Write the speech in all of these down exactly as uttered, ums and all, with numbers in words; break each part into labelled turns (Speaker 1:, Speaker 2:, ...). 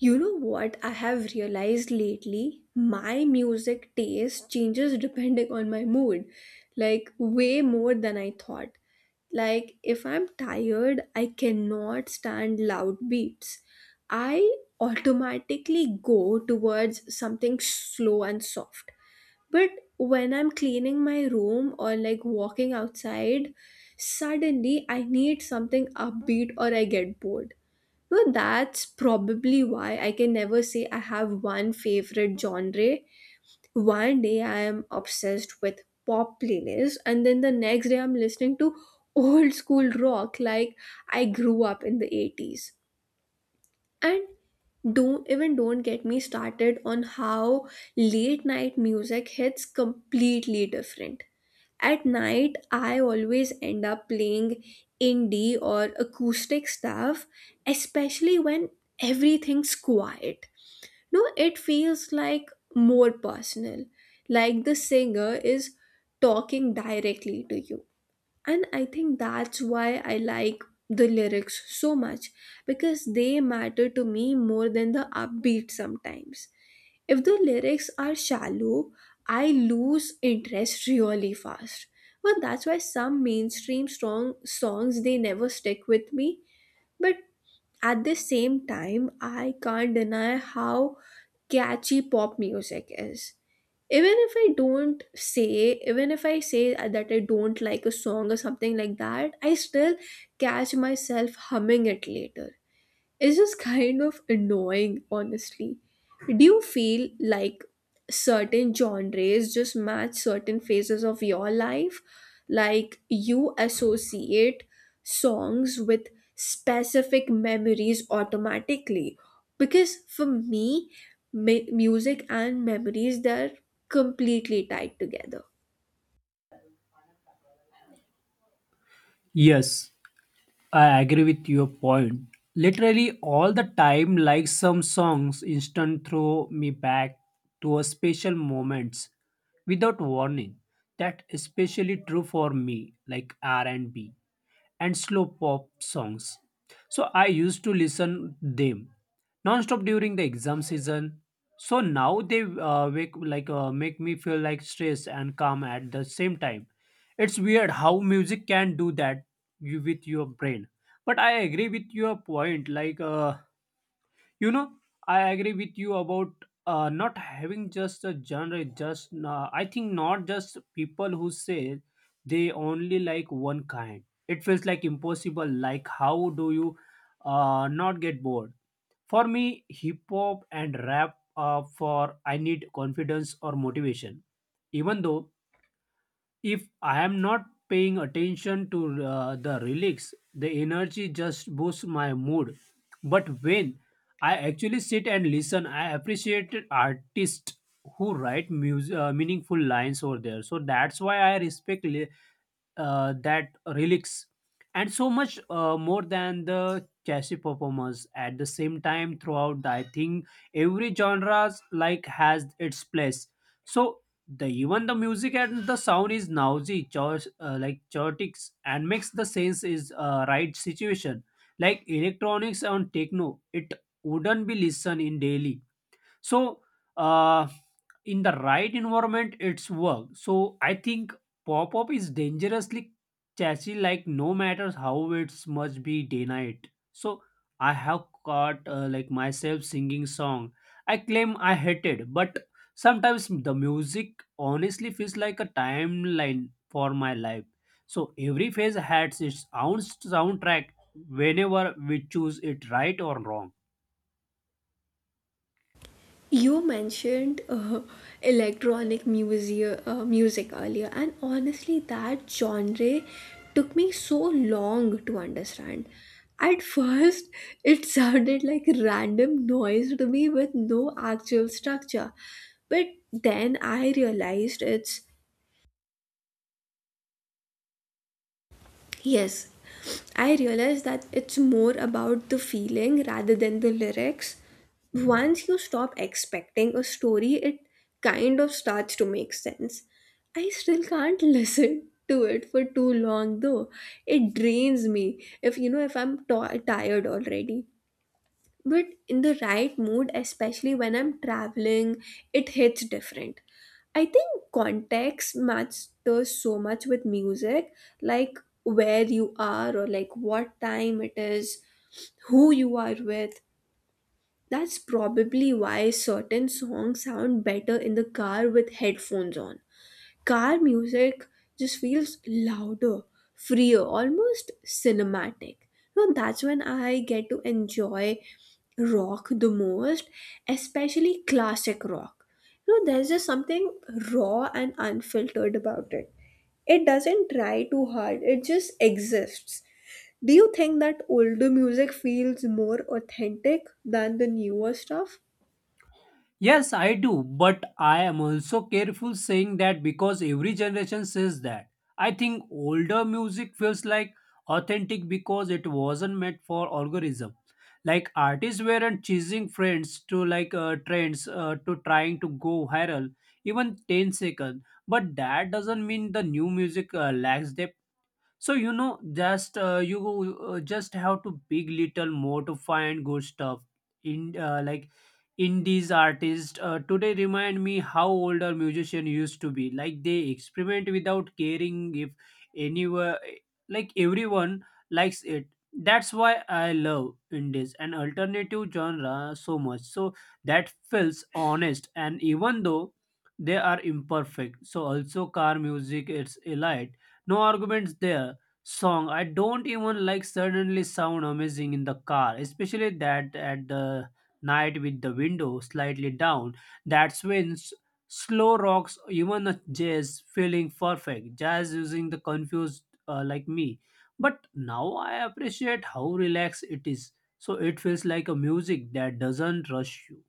Speaker 1: You know what I have realized lately? My music taste changes depending on my mood, like way more than I thought. Like, if I'm tired, I cannot stand loud beats. I automatically go towards something slow and soft. But when I'm cleaning my room or like walking outside, suddenly I need something upbeat or I get bored. No, that's probably why I can never say I have one favorite genre. One day I am obsessed with pop playlists, and then the next day I'm listening to old school rock like I grew up in the eighties. And don't even don't get me started on how late night music hits completely different. At night, I always end up playing indie or acoustic stuff, especially when everything's quiet. No, it feels like more personal, like the singer is talking directly to you, and I think that's why I like the lyrics so much, because they matter to me more than the upbeat sometimes. If the lyrics are shallow, I lose interest really fast. But that's why some mainstream strong songs, they never stick with me. But at the same time, I can't deny how catchy pop music is. even if i don't say Even if I say that I don't like a song or something like that, I still catch myself humming it later. It's just kind of annoying, honestly. Do you feel like certain genres just match certain phases of your life? Like you associate songs with specific memories automatically? Because for me, mi- music and memories, they're completely tied together.
Speaker 2: Yes, I agree with your point. Literally all the time, like some songs, instant throw me back to a special moments without warning. That especially true for me, like R and B and slow pop songs. So I used to listen them non-stop during the exam season. So now they uh, make like uh, make me feel like stress and calm at the same time. It's weird how music can do that you with your brain. But I agree with your point. Like uh, you know, I agree with you about uh, not having just a genre. Just uh, I think not just people who say they only like one kind. It feels like impossible. Like how do you uh, not get bored? For me, hip hop and rap uh, for I need confidence or motivation. Even though if I am not paying attention to uh, the relics, the energy just boosts my mood. But when I actually sit and listen, I appreciate artists who write mus- uh, meaningful lines over there. So that's why I respect li- uh, that relics, and so much uh, more than the chassis performance at the same time throughout I think every genres like has its place. So the even the music and the sound is noisy chaos, uh, like chaotic and makes the sense is uh, right situation like electronics on techno it wouldn't be listened in daily. So uh, in the right environment it's work. So I think pop-up is dangerously catchy like no matters how it's must be day night. So I have caught uh, like myself singing song I claim I hated, but sometimes the music honestly feels like a timeline for my life. So every phase has its own soundtrack whenever we choose it right or wrong.
Speaker 1: You mentioned uh, electronic music, uh, music earlier, and honestly, that genre took me so long to understand. At first, it sounded like random noise to me with no actual structure. But then I realized it's yes, I realize that it's more about the feeling rather than the lyrics. Once you stop expecting a story, it kind of starts to make sense. I still can't listen to it for too long though. It drains me if you know if I'm t- tired already, but in the right mood, especially when I'm traveling, it hits different. I think context matters so much with music, like where you are, or like what time it is, who you are with. That's probably why certain songs sound better in the car with headphones on. Car music just feels louder, freer, almost cinematic. Now that's when I get to enjoy rock the most, especially classic rock. You know, there's just something raw and unfiltered about it. It doesn't try too hard, it just exists. Do you think that older music feels more authentic than the newer stuff?
Speaker 2: Yes, I do, but I am also careful saying that because every generation says that. I think older music feels like authentic because it wasn't meant for algorithm. Like artists weren't chasing friends to like uh, trends uh, to trying to go viral even ten seconds. But that doesn't mean the new music uh, lacks depth. So you know, just uh, you uh, just have to big little more to find good stuff. In uh, like indies artists uh, today remind me how older musician used to be. Like they experiment without caring if anywhere, like everyone likes it. That's why I love indies and alternative genre so much. So that feels honest, and even though they are imperfect, so also car music it's elite, no arguments there. Song I don't even like suddenly sound amazing in the car, especially that at the night with the window slightly down. That's when s- slow rocks, even a jazz, feeling perfect. Jazz using the confused uh, like me, but now I appreciate how relaxed it is. So it feels like a music that doesn't rush you.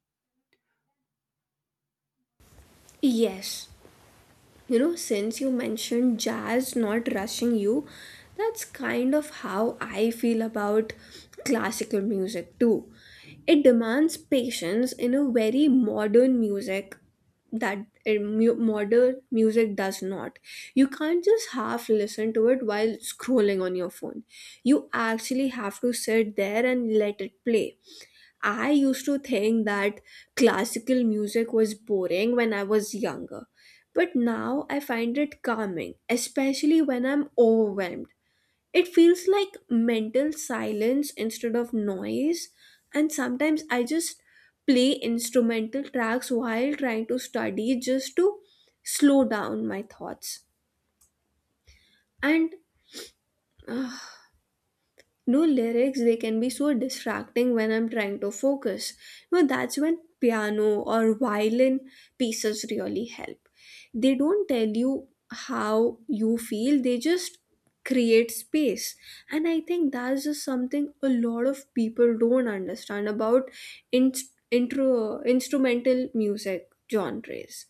Speaker 1: Yes, you know, since you mentioned jazz not rushing you, that's kind of how I feel about classical music too. It demands patience in a very modern music that uh, mu- modern music does not. You can't just half listen to it while scrolling on your phone, you actually have to sit there and let it play. I used to think that classical music was boring when I was younger, but now I find it calming, especially when I'm overwhelmed. It feels like mental silence instead of noise, and sometimes I just play instrumental tracks while trying to study, just to slow down my thoughts. And no, lyrics, they can be so distracting when I'm trying to focus. No, that's when piano or violin pieces really help. They don't tell you how you feel, they just create space. And I think that's just something a lot of people don't understand about in- intro instrumental music genres.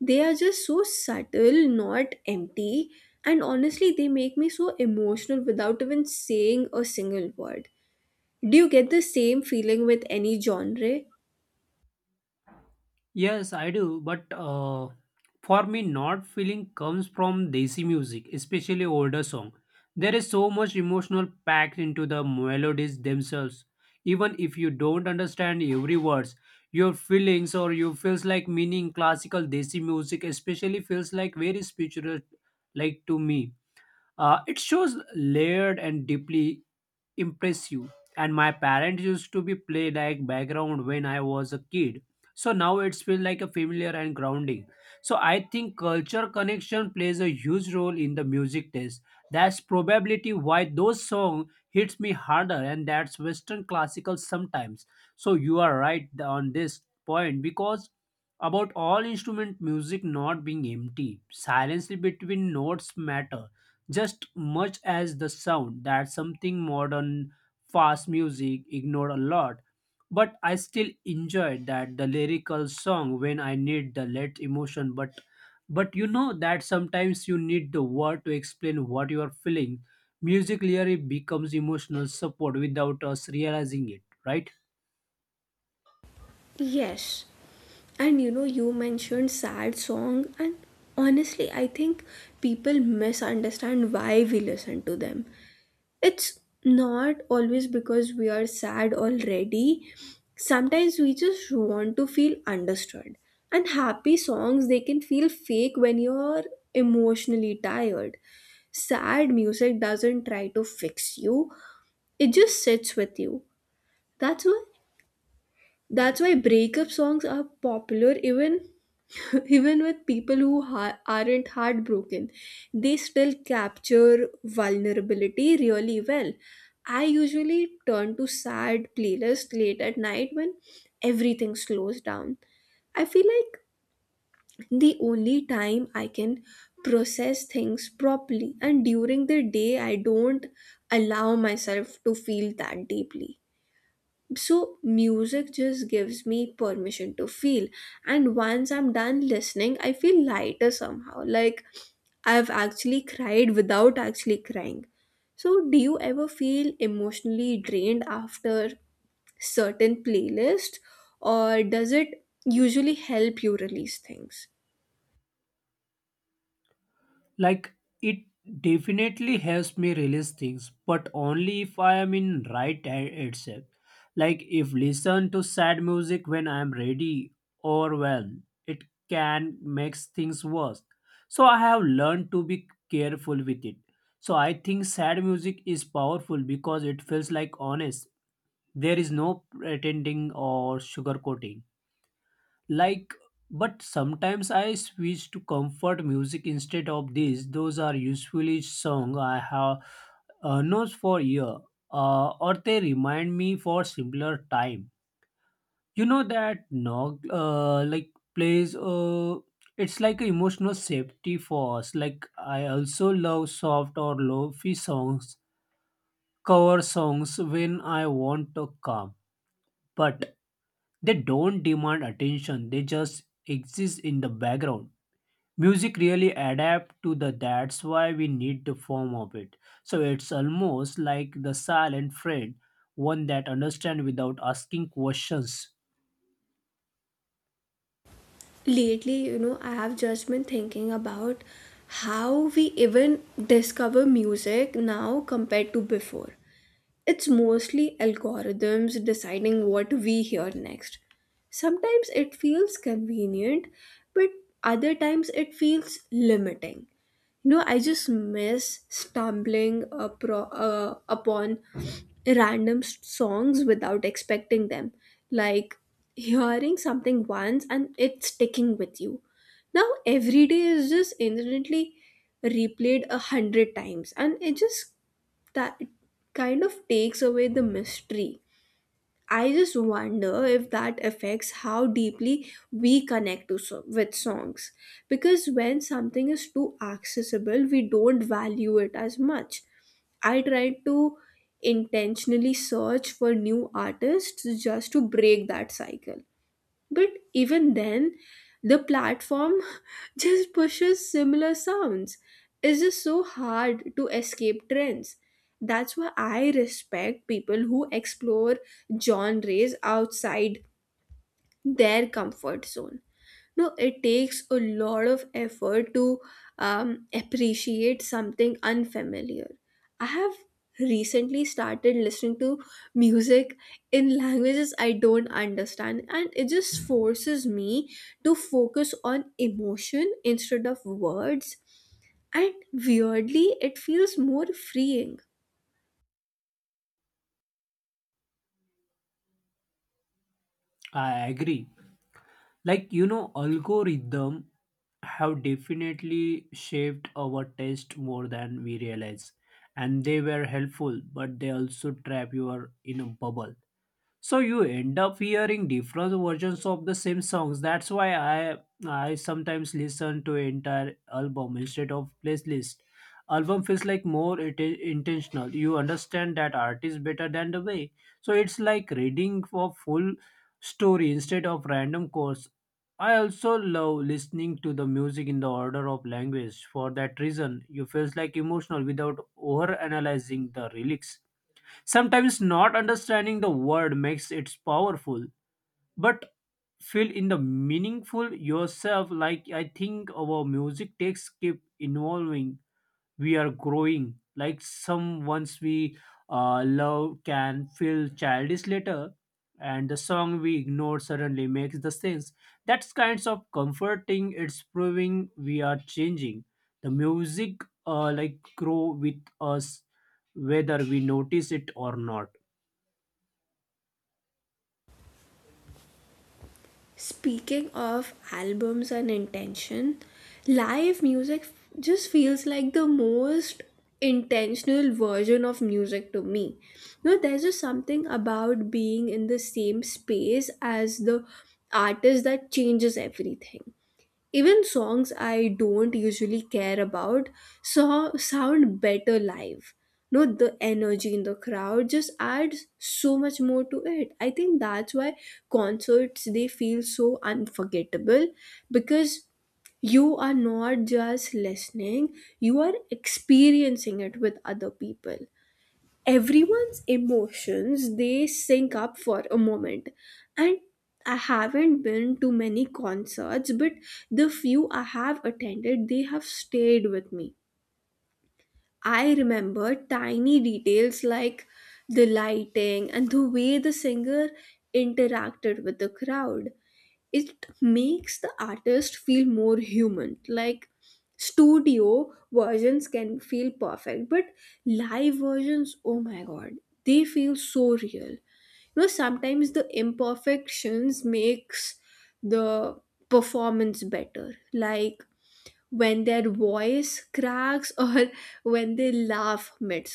Speaker 1: They are just so subtle, not empty, and honestly, they make me so emotional without even saying a single word. Do you get the same feeling with any genre?
Speaker 2: Yes, I do. But uh, for me, not feeling comes from Desi music, especially older song. There is so much emotional packed into the melodies themselves. Even if you don't understand every words, your feelings or you feels like meaning classical Desi music especially feels like very spiritual like to me. Uh, it shows layered and deeply impressive. And my parents used to be play like background when I was a kid. So now it's feel like a familiar and grounding. So I think culture connection plays a huge role in the music taste. That's probability why those song hits me harder and that's Western classical sometimes. So you are right on this point because about all instrument music not being empty. Silence between notes matter just much as the sound that something modern fast music ignored a lot, but I still enjoy that the lyrical song when I need the let emotion but but you know that sometimes you need the word to explain what you are feeling. Music literally becomes emotional support without us realizing it, right?
Speaker 1: Yes. And you know, you mentioned sad song, and honestly, I think people misunderstand why we listen to them. It's not always because we are sad already. Sometimes we just want to feel understood. And happy songs, they can feel fake when you're emotionally tired. Sad music doesn't try to fix you, it just sits with you. That's why that's why breakup songs are popular. Even even with people who ha- aren't heartbroken, they still capture vulnerability really well. I usually turn to sad playlists late at night when everything slows down. I feel like the only time I can process things properly, and during the day, I don't allow myself to feel that deeply. So, music just gives me permission to feel. And once I'm done listening, I feel lighter somehow. Like I've actually cried without actually crying. So, do you ever feel emotionally drained after certain playlist, or does it usually help you release things?
Speaker 2: Like it definitely helps me release things, but only if I am in right a- itself. Like if listen to sad music when I am ready or well, it can makes things worse. So I have learned to be careful with it. So I think sad music is powerful because it feels like honest. There is no pretending or sugarcoating. Like, but sometimes I switch to comfort music instead of this. Those are usually song I have uh, knows for year, uh, or they remind me for similar time. You know that no, uh, like plays. Uh, it's like an emotional safety for us. Like I also love soft or low-fi songs, cover songs when I want to calm, but they don't demand attention. They just exist in the background. Music really adapt to the that's why we need the form of it. So it's almost like the silent friend, one that understand without asking questions.
Speaker 1: Lately, you know, I have just been thinking about how we even discover music now compared to before. It's mostly algorithms deciding what we hear next. Sometimes it feels convenient, but other times it feels limiting. You know, I just miss stumbling apro- uh, upon random s- songs without expecting them. Like hearing something once and it's sticking with you. Now, every day is just instantly replayed a hundred times, and it just, that kind of takes away the mystery. I just wonder if that affects how deeply we connect to so- with songs, because when something is too accessible, we don't value it as much. I try to intentionally search for new artists just to break that cycle. But even then, the platform just pushes similar sounds. It's just so hard to escape trends. That's why I respect people who explore genres outside their comfort zone. No, it takes a lot of effort to um, appreciate something unfamiliar. I have recently started listening to music in languages I don't understand, and it just forces me to focus on emotion instead of words. And weirdly, it feels more freeing.
Speaker 2: I agree. Like you know algorithm have definitely shaped our taste more than we realize, and they were helpful but they also trap you are in a bubble. So you end up hearing different versions of the same songs. That's why i i sometimes listen to entire album instead of playlist. Album feels like more it is intentional. You understand that artist better than the way. So it's like reading for full story instead of random course. I also love listening to the music in the order of language for that reason. You feels like emotional without over analyzing the lyrics. Sometimes not understanding the word makes it powerful, but feel in the meaningful yourself. Like I think our music takes keep evolving. We are growing. Like some ones we uh, love can feel childish later, and the song we ignore suddenly makes the sense. That's kinds of comforting. It's proving we are changing. The music uh, like grow with us, whether we notice it or not.
Speaker 1: Speaking of albums and intention, live music just feels like the most intentional version of music to me. You know, there's just something about being in the same space as the artist that changes everything. Even songs I don't usually care about so sound better live. No, the energy in the crowd just adds so much more to it. I think that's why concerts, they feel so unforgettable, because you are not just listening, you are experiencing it with other people. Everyone's emotions, they sync up for a moment. And I haven't been to many concerts, but the few I have attended, they have stayed with me. I remember tiny details like the lighting and the way the singer interacted with the crowd. It makes the artist feel more human. Like studio versions can feel perfect, but live versions, oh my god, they feel so real. You know, sometimes the imperfections makes the performance better, like when their voice cracks, or when they laugh mid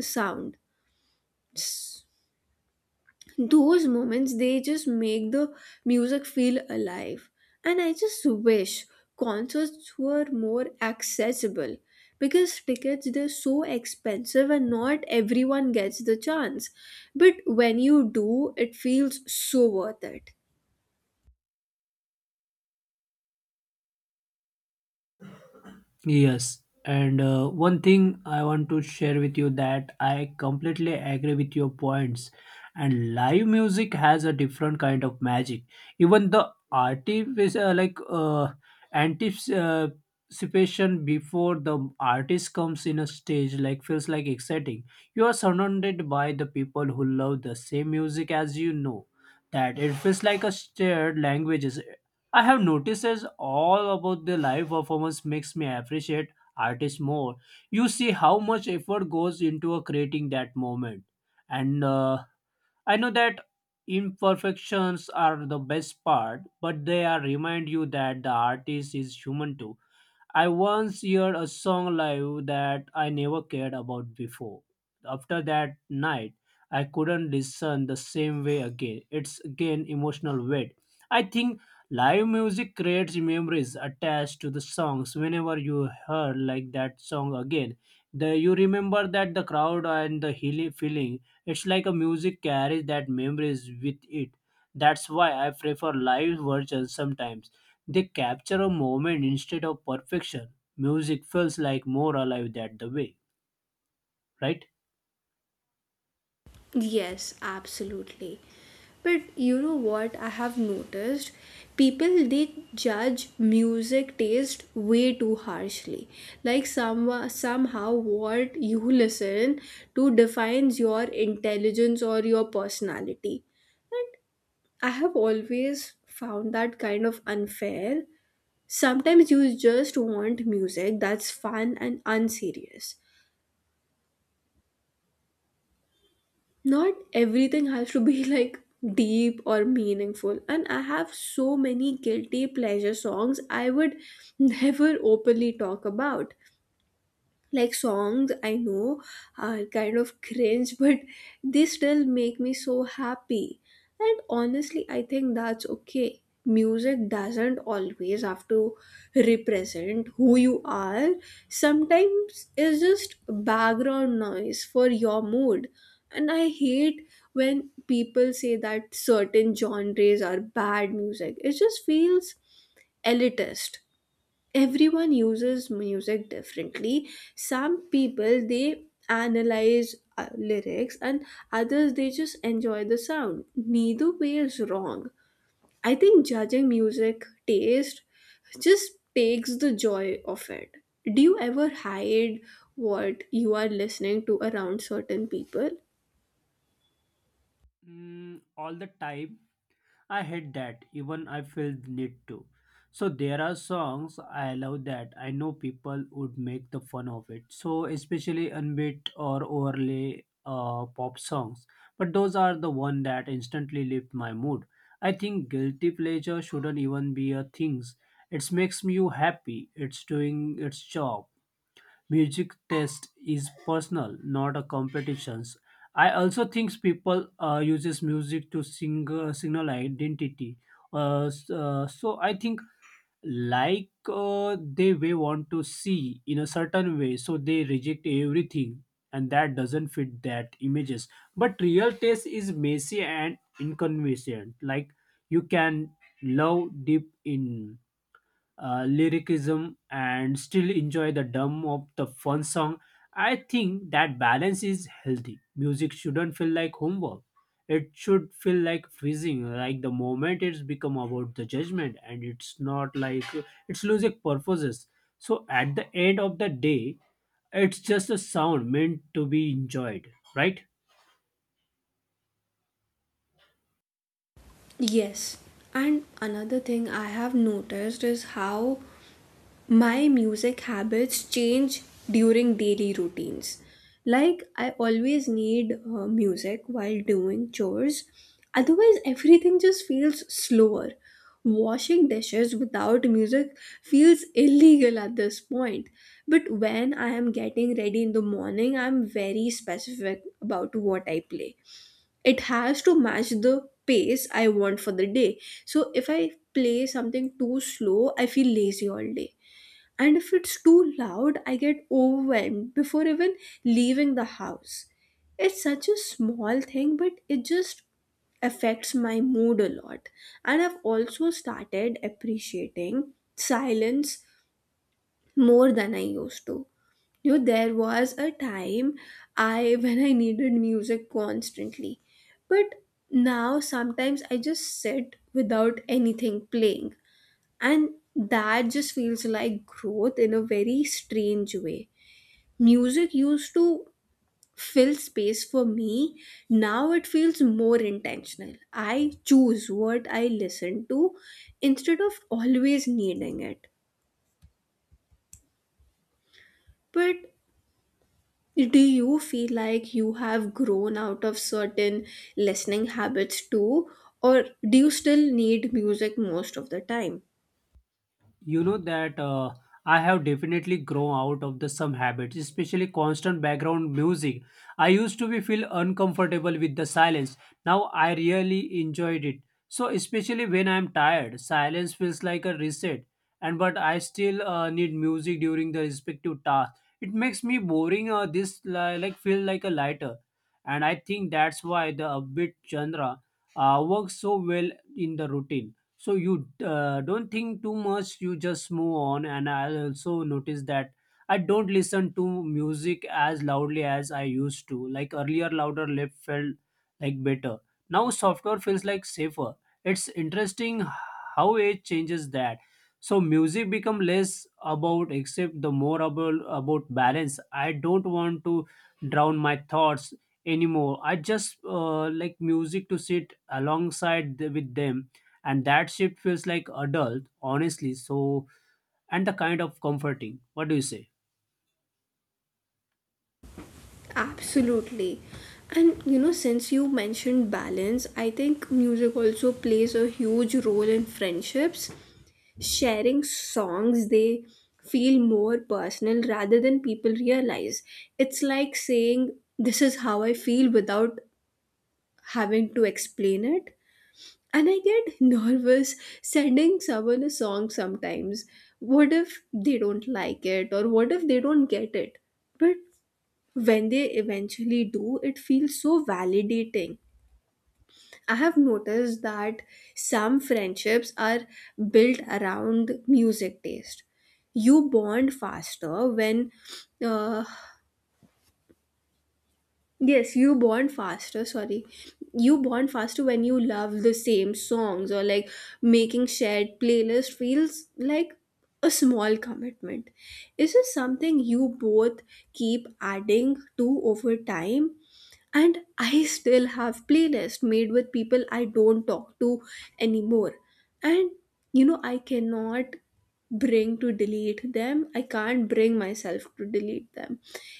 Speaker 1: sound, those moments, they just make the music feel alive. And I just wish concerts were more accessible, because tickets, they're so expensive and not everyone gets the chance. But when you do, it feels so worth it.
Speaker 2: Yes, and uh, one thing I want to share with you that I completely agree with your points. And live music has a different kind of magic. Even the artist uh, like uh, anticipation before the artist comes in a stage like feels like exciting. You are surrounded by the people who love the same music as you know. That it feels like a shared languages. I have noticed as all about the live performance makes me appreciate artists more. You see how much effort goes into uh, creating that moment, and uh, I know that imperfections are the best part, but they are remind you that the artist is human too. I once heard a song live that I never cared about before. After that night, I couldn't listen the same way again. It's again emotional weight. I think live music creates memories attached to the songs. Whenever you hear like that song again, the you remember that the crowd and the healing feeling. It's like a music carries that memories with it. That's why I prefer live versions sometimes they capture a moment instead of perfection. Music feels like more alive that the way, right?
Speaker 1: Yes, absolutely. But you know what I have noticed? People, they judge music taste way too harshly. Like some, somehow what you listen to defines your intelligence or your personality. And I have always found that kind of unfair. Sometimes you just want music that's fun and unserious. Not everything has to be like deep or meaningful. And I have so many guilty pleasure songs I would never openly talk about, like songs I know are kind of cringe, but they still make me so happy. And honestly, I think that's okay. Music doesn't always have to represent who you are. Sometimes it's just background noise for your mood. And I hate when people say that certain genres are bad music. It just feels elitist. Everyone uses music differently. Some people, they analyze uh, lyrics, and others, they just enjoy the sound. Neither way is wrong. I think judging music taste just takes the joy of it. Do you ever hide what you are listening to around certain people?
Speaker 2: Mm, all the time. I hate that. Even I feel the need to. So there are songs I love that I know people would make the fun of it. So especially unbeat or overlay uh, pop songs. But those are the one that instantly lift my mood. I think guilty pleasure shouldn't even be a things. It makes you happy. It's doing its job. Music taste is personal, not a competition. I also think people uh, uses music to sing, uh, signal identity. Uh, s- uh, so I think like uh, they may want to see in a certain way, so they reject everything, and that doesn't fit that images. But real taste is messy and inconvenient. Like you can love deep in uh, lyricism and still enjoy the dumb of the fun song. I think that balance is healthy. Music shouldn't feel like homework. It should feel like freezing, like the moment it's become about the judgment and it's not like it's losing purposes. So at the end of the day, it's just a sound meant to be enjoyed, right?
Speaker 1: Yes. And another thing I have noticed is how my music habits change during daily routines. Like, I always need uh, music while doing chores, otherwise, everything just feels slower. Washing dishes without music feels illegal at this point. But when I am getting ready in the morning, I'm very specific about what I play. It has to match the pace I want for the day. So, if I play something too slow, I feel lazy all day, and if it's too loud, I get overwhelmed before even leaving the house. It's such a small thing, but it just affects my mood a lot. And I've also started appreciating silence more than I used to. You know, there was a time I when I needed music constantly. But now sometimes I just sit without anything playing, and that just feels like growth in a very strange way. Music used to fill space for me. Now it feels more intentional. I choose what I listen to instead of always needing it. But do you feel like you have grown out of certain listening habits too, or do you still need music most of the time?
Speaker 2: You know that uh, I have definitely grown out of the some habits, especially constant background music. I used to be feel uncomfortable with the silence. Now I really enjoyed it. So especially when I'm tired silence feels like a reset. And but I still uh, need music during the respective task. It makes me boring uh, this li- like feel like a lighter. And I think that's why the upbeat genre uh, works so well in the routine. So you uh, don't think too much you just move on. And I also notice that I don't listen to music as loudly as I used to like earlier louder lip felt like better. Now software feels like safer. It's interesting how age changes that. So music become less about except the more about, about balance. I don't want to drown my thoughts anymore. I just uh, like music to sit alongside the, with them. And that shift feels like adult honestly. So and the kind of comforting, what do you say?
Speaker 1: Absolutely. And you know, since you mentioned balance, I think music also plays a huge role in friendships. Sharing songs, they feel more personal rather than people realize. It's like saying, "This is how I feel without having to explain it." And I get nervous sending someone a song sometimes. What if they don't like it, or what if they don't get it? But when they eventually do, it feels so validating. I have noticed that some friendships are built around music taste. You bond faster when, uh, yes, you bond faster, sorry. You bond faster when you love the same songs, or like making shared playlist feels like a small commitment. Is this something you both keep adding to over time? And I still have playlists made with people I don't talk to anymore. And you know, I cannot bring to delete them I can't bring myself to delete them.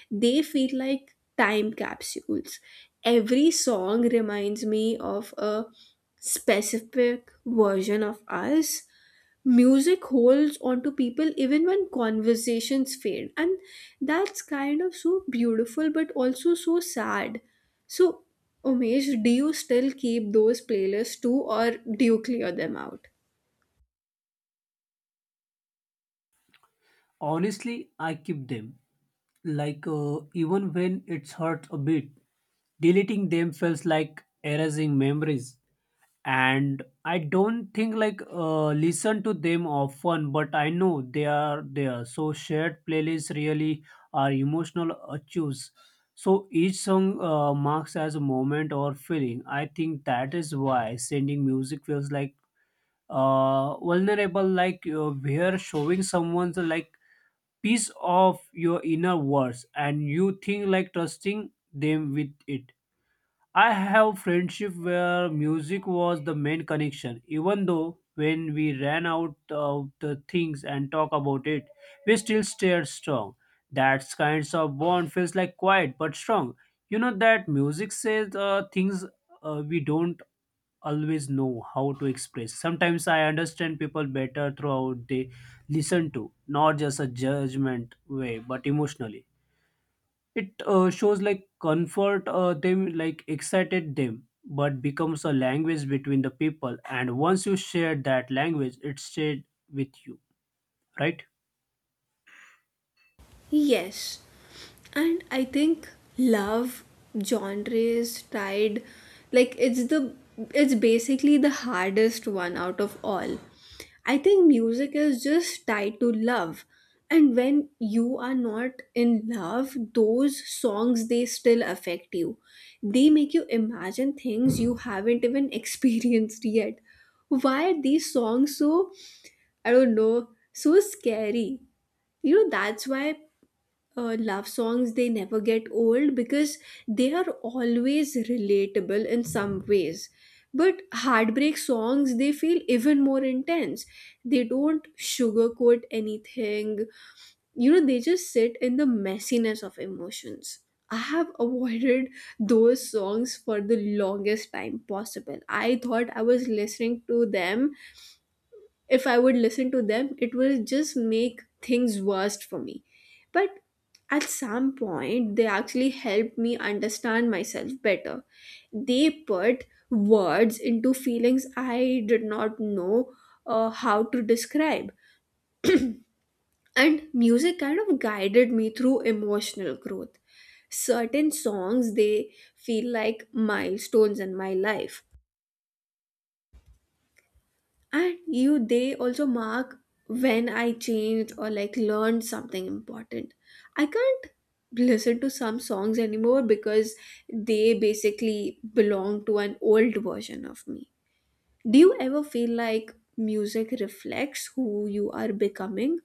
Speaker 1: They feel like time capsules. Every song reminds me of a specific version of us. Music holds on to people even when conversations fade, and that's kind of so beautiful but also so sad. So, Umesh, do you still keep those playlists too, or do you clear them out?
Speaker 2: Honestly I keep them, like uh, even when it's hurt a bit. Deleting them feels like erasing memories. And I don't think like uh, listen to them often, but I know they are there. So shared playlists really are emotional achieves. So each song uh, marks as a moment or feeling. I think that is why sending music feels like uh, vulnerable, like uh, we're showing someone's like piece of your inner words and you think like trusting them with it. I have friendship where music was the main connection, even though when we ran out of the things and talk about it, we still stayed strong. That kinds of bond feels like quiet but strong. You know that music says uh, things uh, we don't always know how to express. Sometimes I understand people better throughout they listen to, not just a judgment way, but emotionally. It uh, shows like comfort uh, them, like excited them, but becomes a language between the people. And once you share that language, it stayed with you, right?
Speaker 1: Yes, and I think love genre is tied, like it's the it's basically the hardest one out of all. I think music is just tied to love. And when you are not in love, those songs, they still affect you. They make you imagine things you haven't even experienced yet. Why are these songs so, I don't know, so scary? You know, that's why uh, love songs, they never get old, because they are always relatable in some ways. But heartbreak songs, they feel even more intense. They don't sugarcoat anything. You know, they just sit in the messiness of emotions. I have avoided those songs for the longest time possible. I thought I was listening to them, if I would listen to them, it will just make things worse for me. But at some point, they actually helped me understand myself better. They put words into feelings I did not know uh, how to describe. And music kind of guided me through emotional growth. Certain songs, they feel like milestones in my life, and you, they also mark when I changed or like learned something important. I can't listen to some songs anymore because they basically belong to an old version of me. Do you ever feel like music reflects who you are becoming?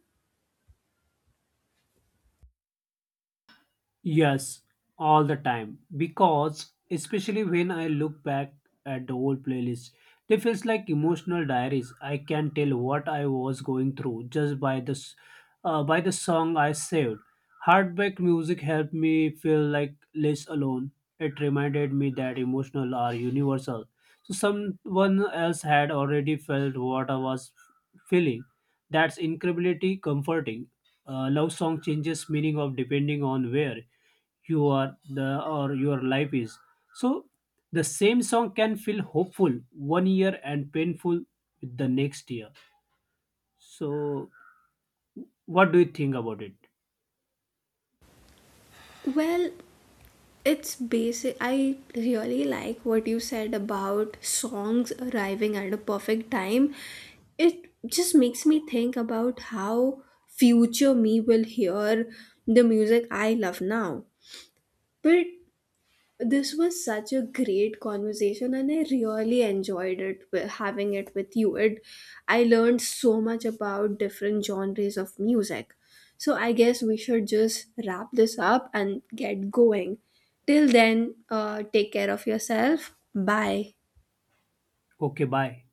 Speaker 2: Yes, all the time. Because especially when I look back at the old playlist, they feels like emotional diaries. I can tell what I was going through just by this, uh, by the song I saved. Hardback music helped me feel like less alone. It reminded me that emotional are universal so someone else had already felt what I was feeling. That's incredibly comforting. A love song changes meaning of depending on where you are the or your life is. So the same song can feel hopeful one year and painful with the next year. So what do you think about it?
Speaker 1: Well, it's basic. I really like what you said about songs arriving at a perfect time. It just makes me think about how future me will hear the music I love now. But this was such a great conversation, and I really enjoyed it wi- having it with you. It, I learned so much about different genres of music. So I guess we should just wrap this up and get going. Till then, uh, take care of yourself. Bye.
Speaker 2: Okay, bye.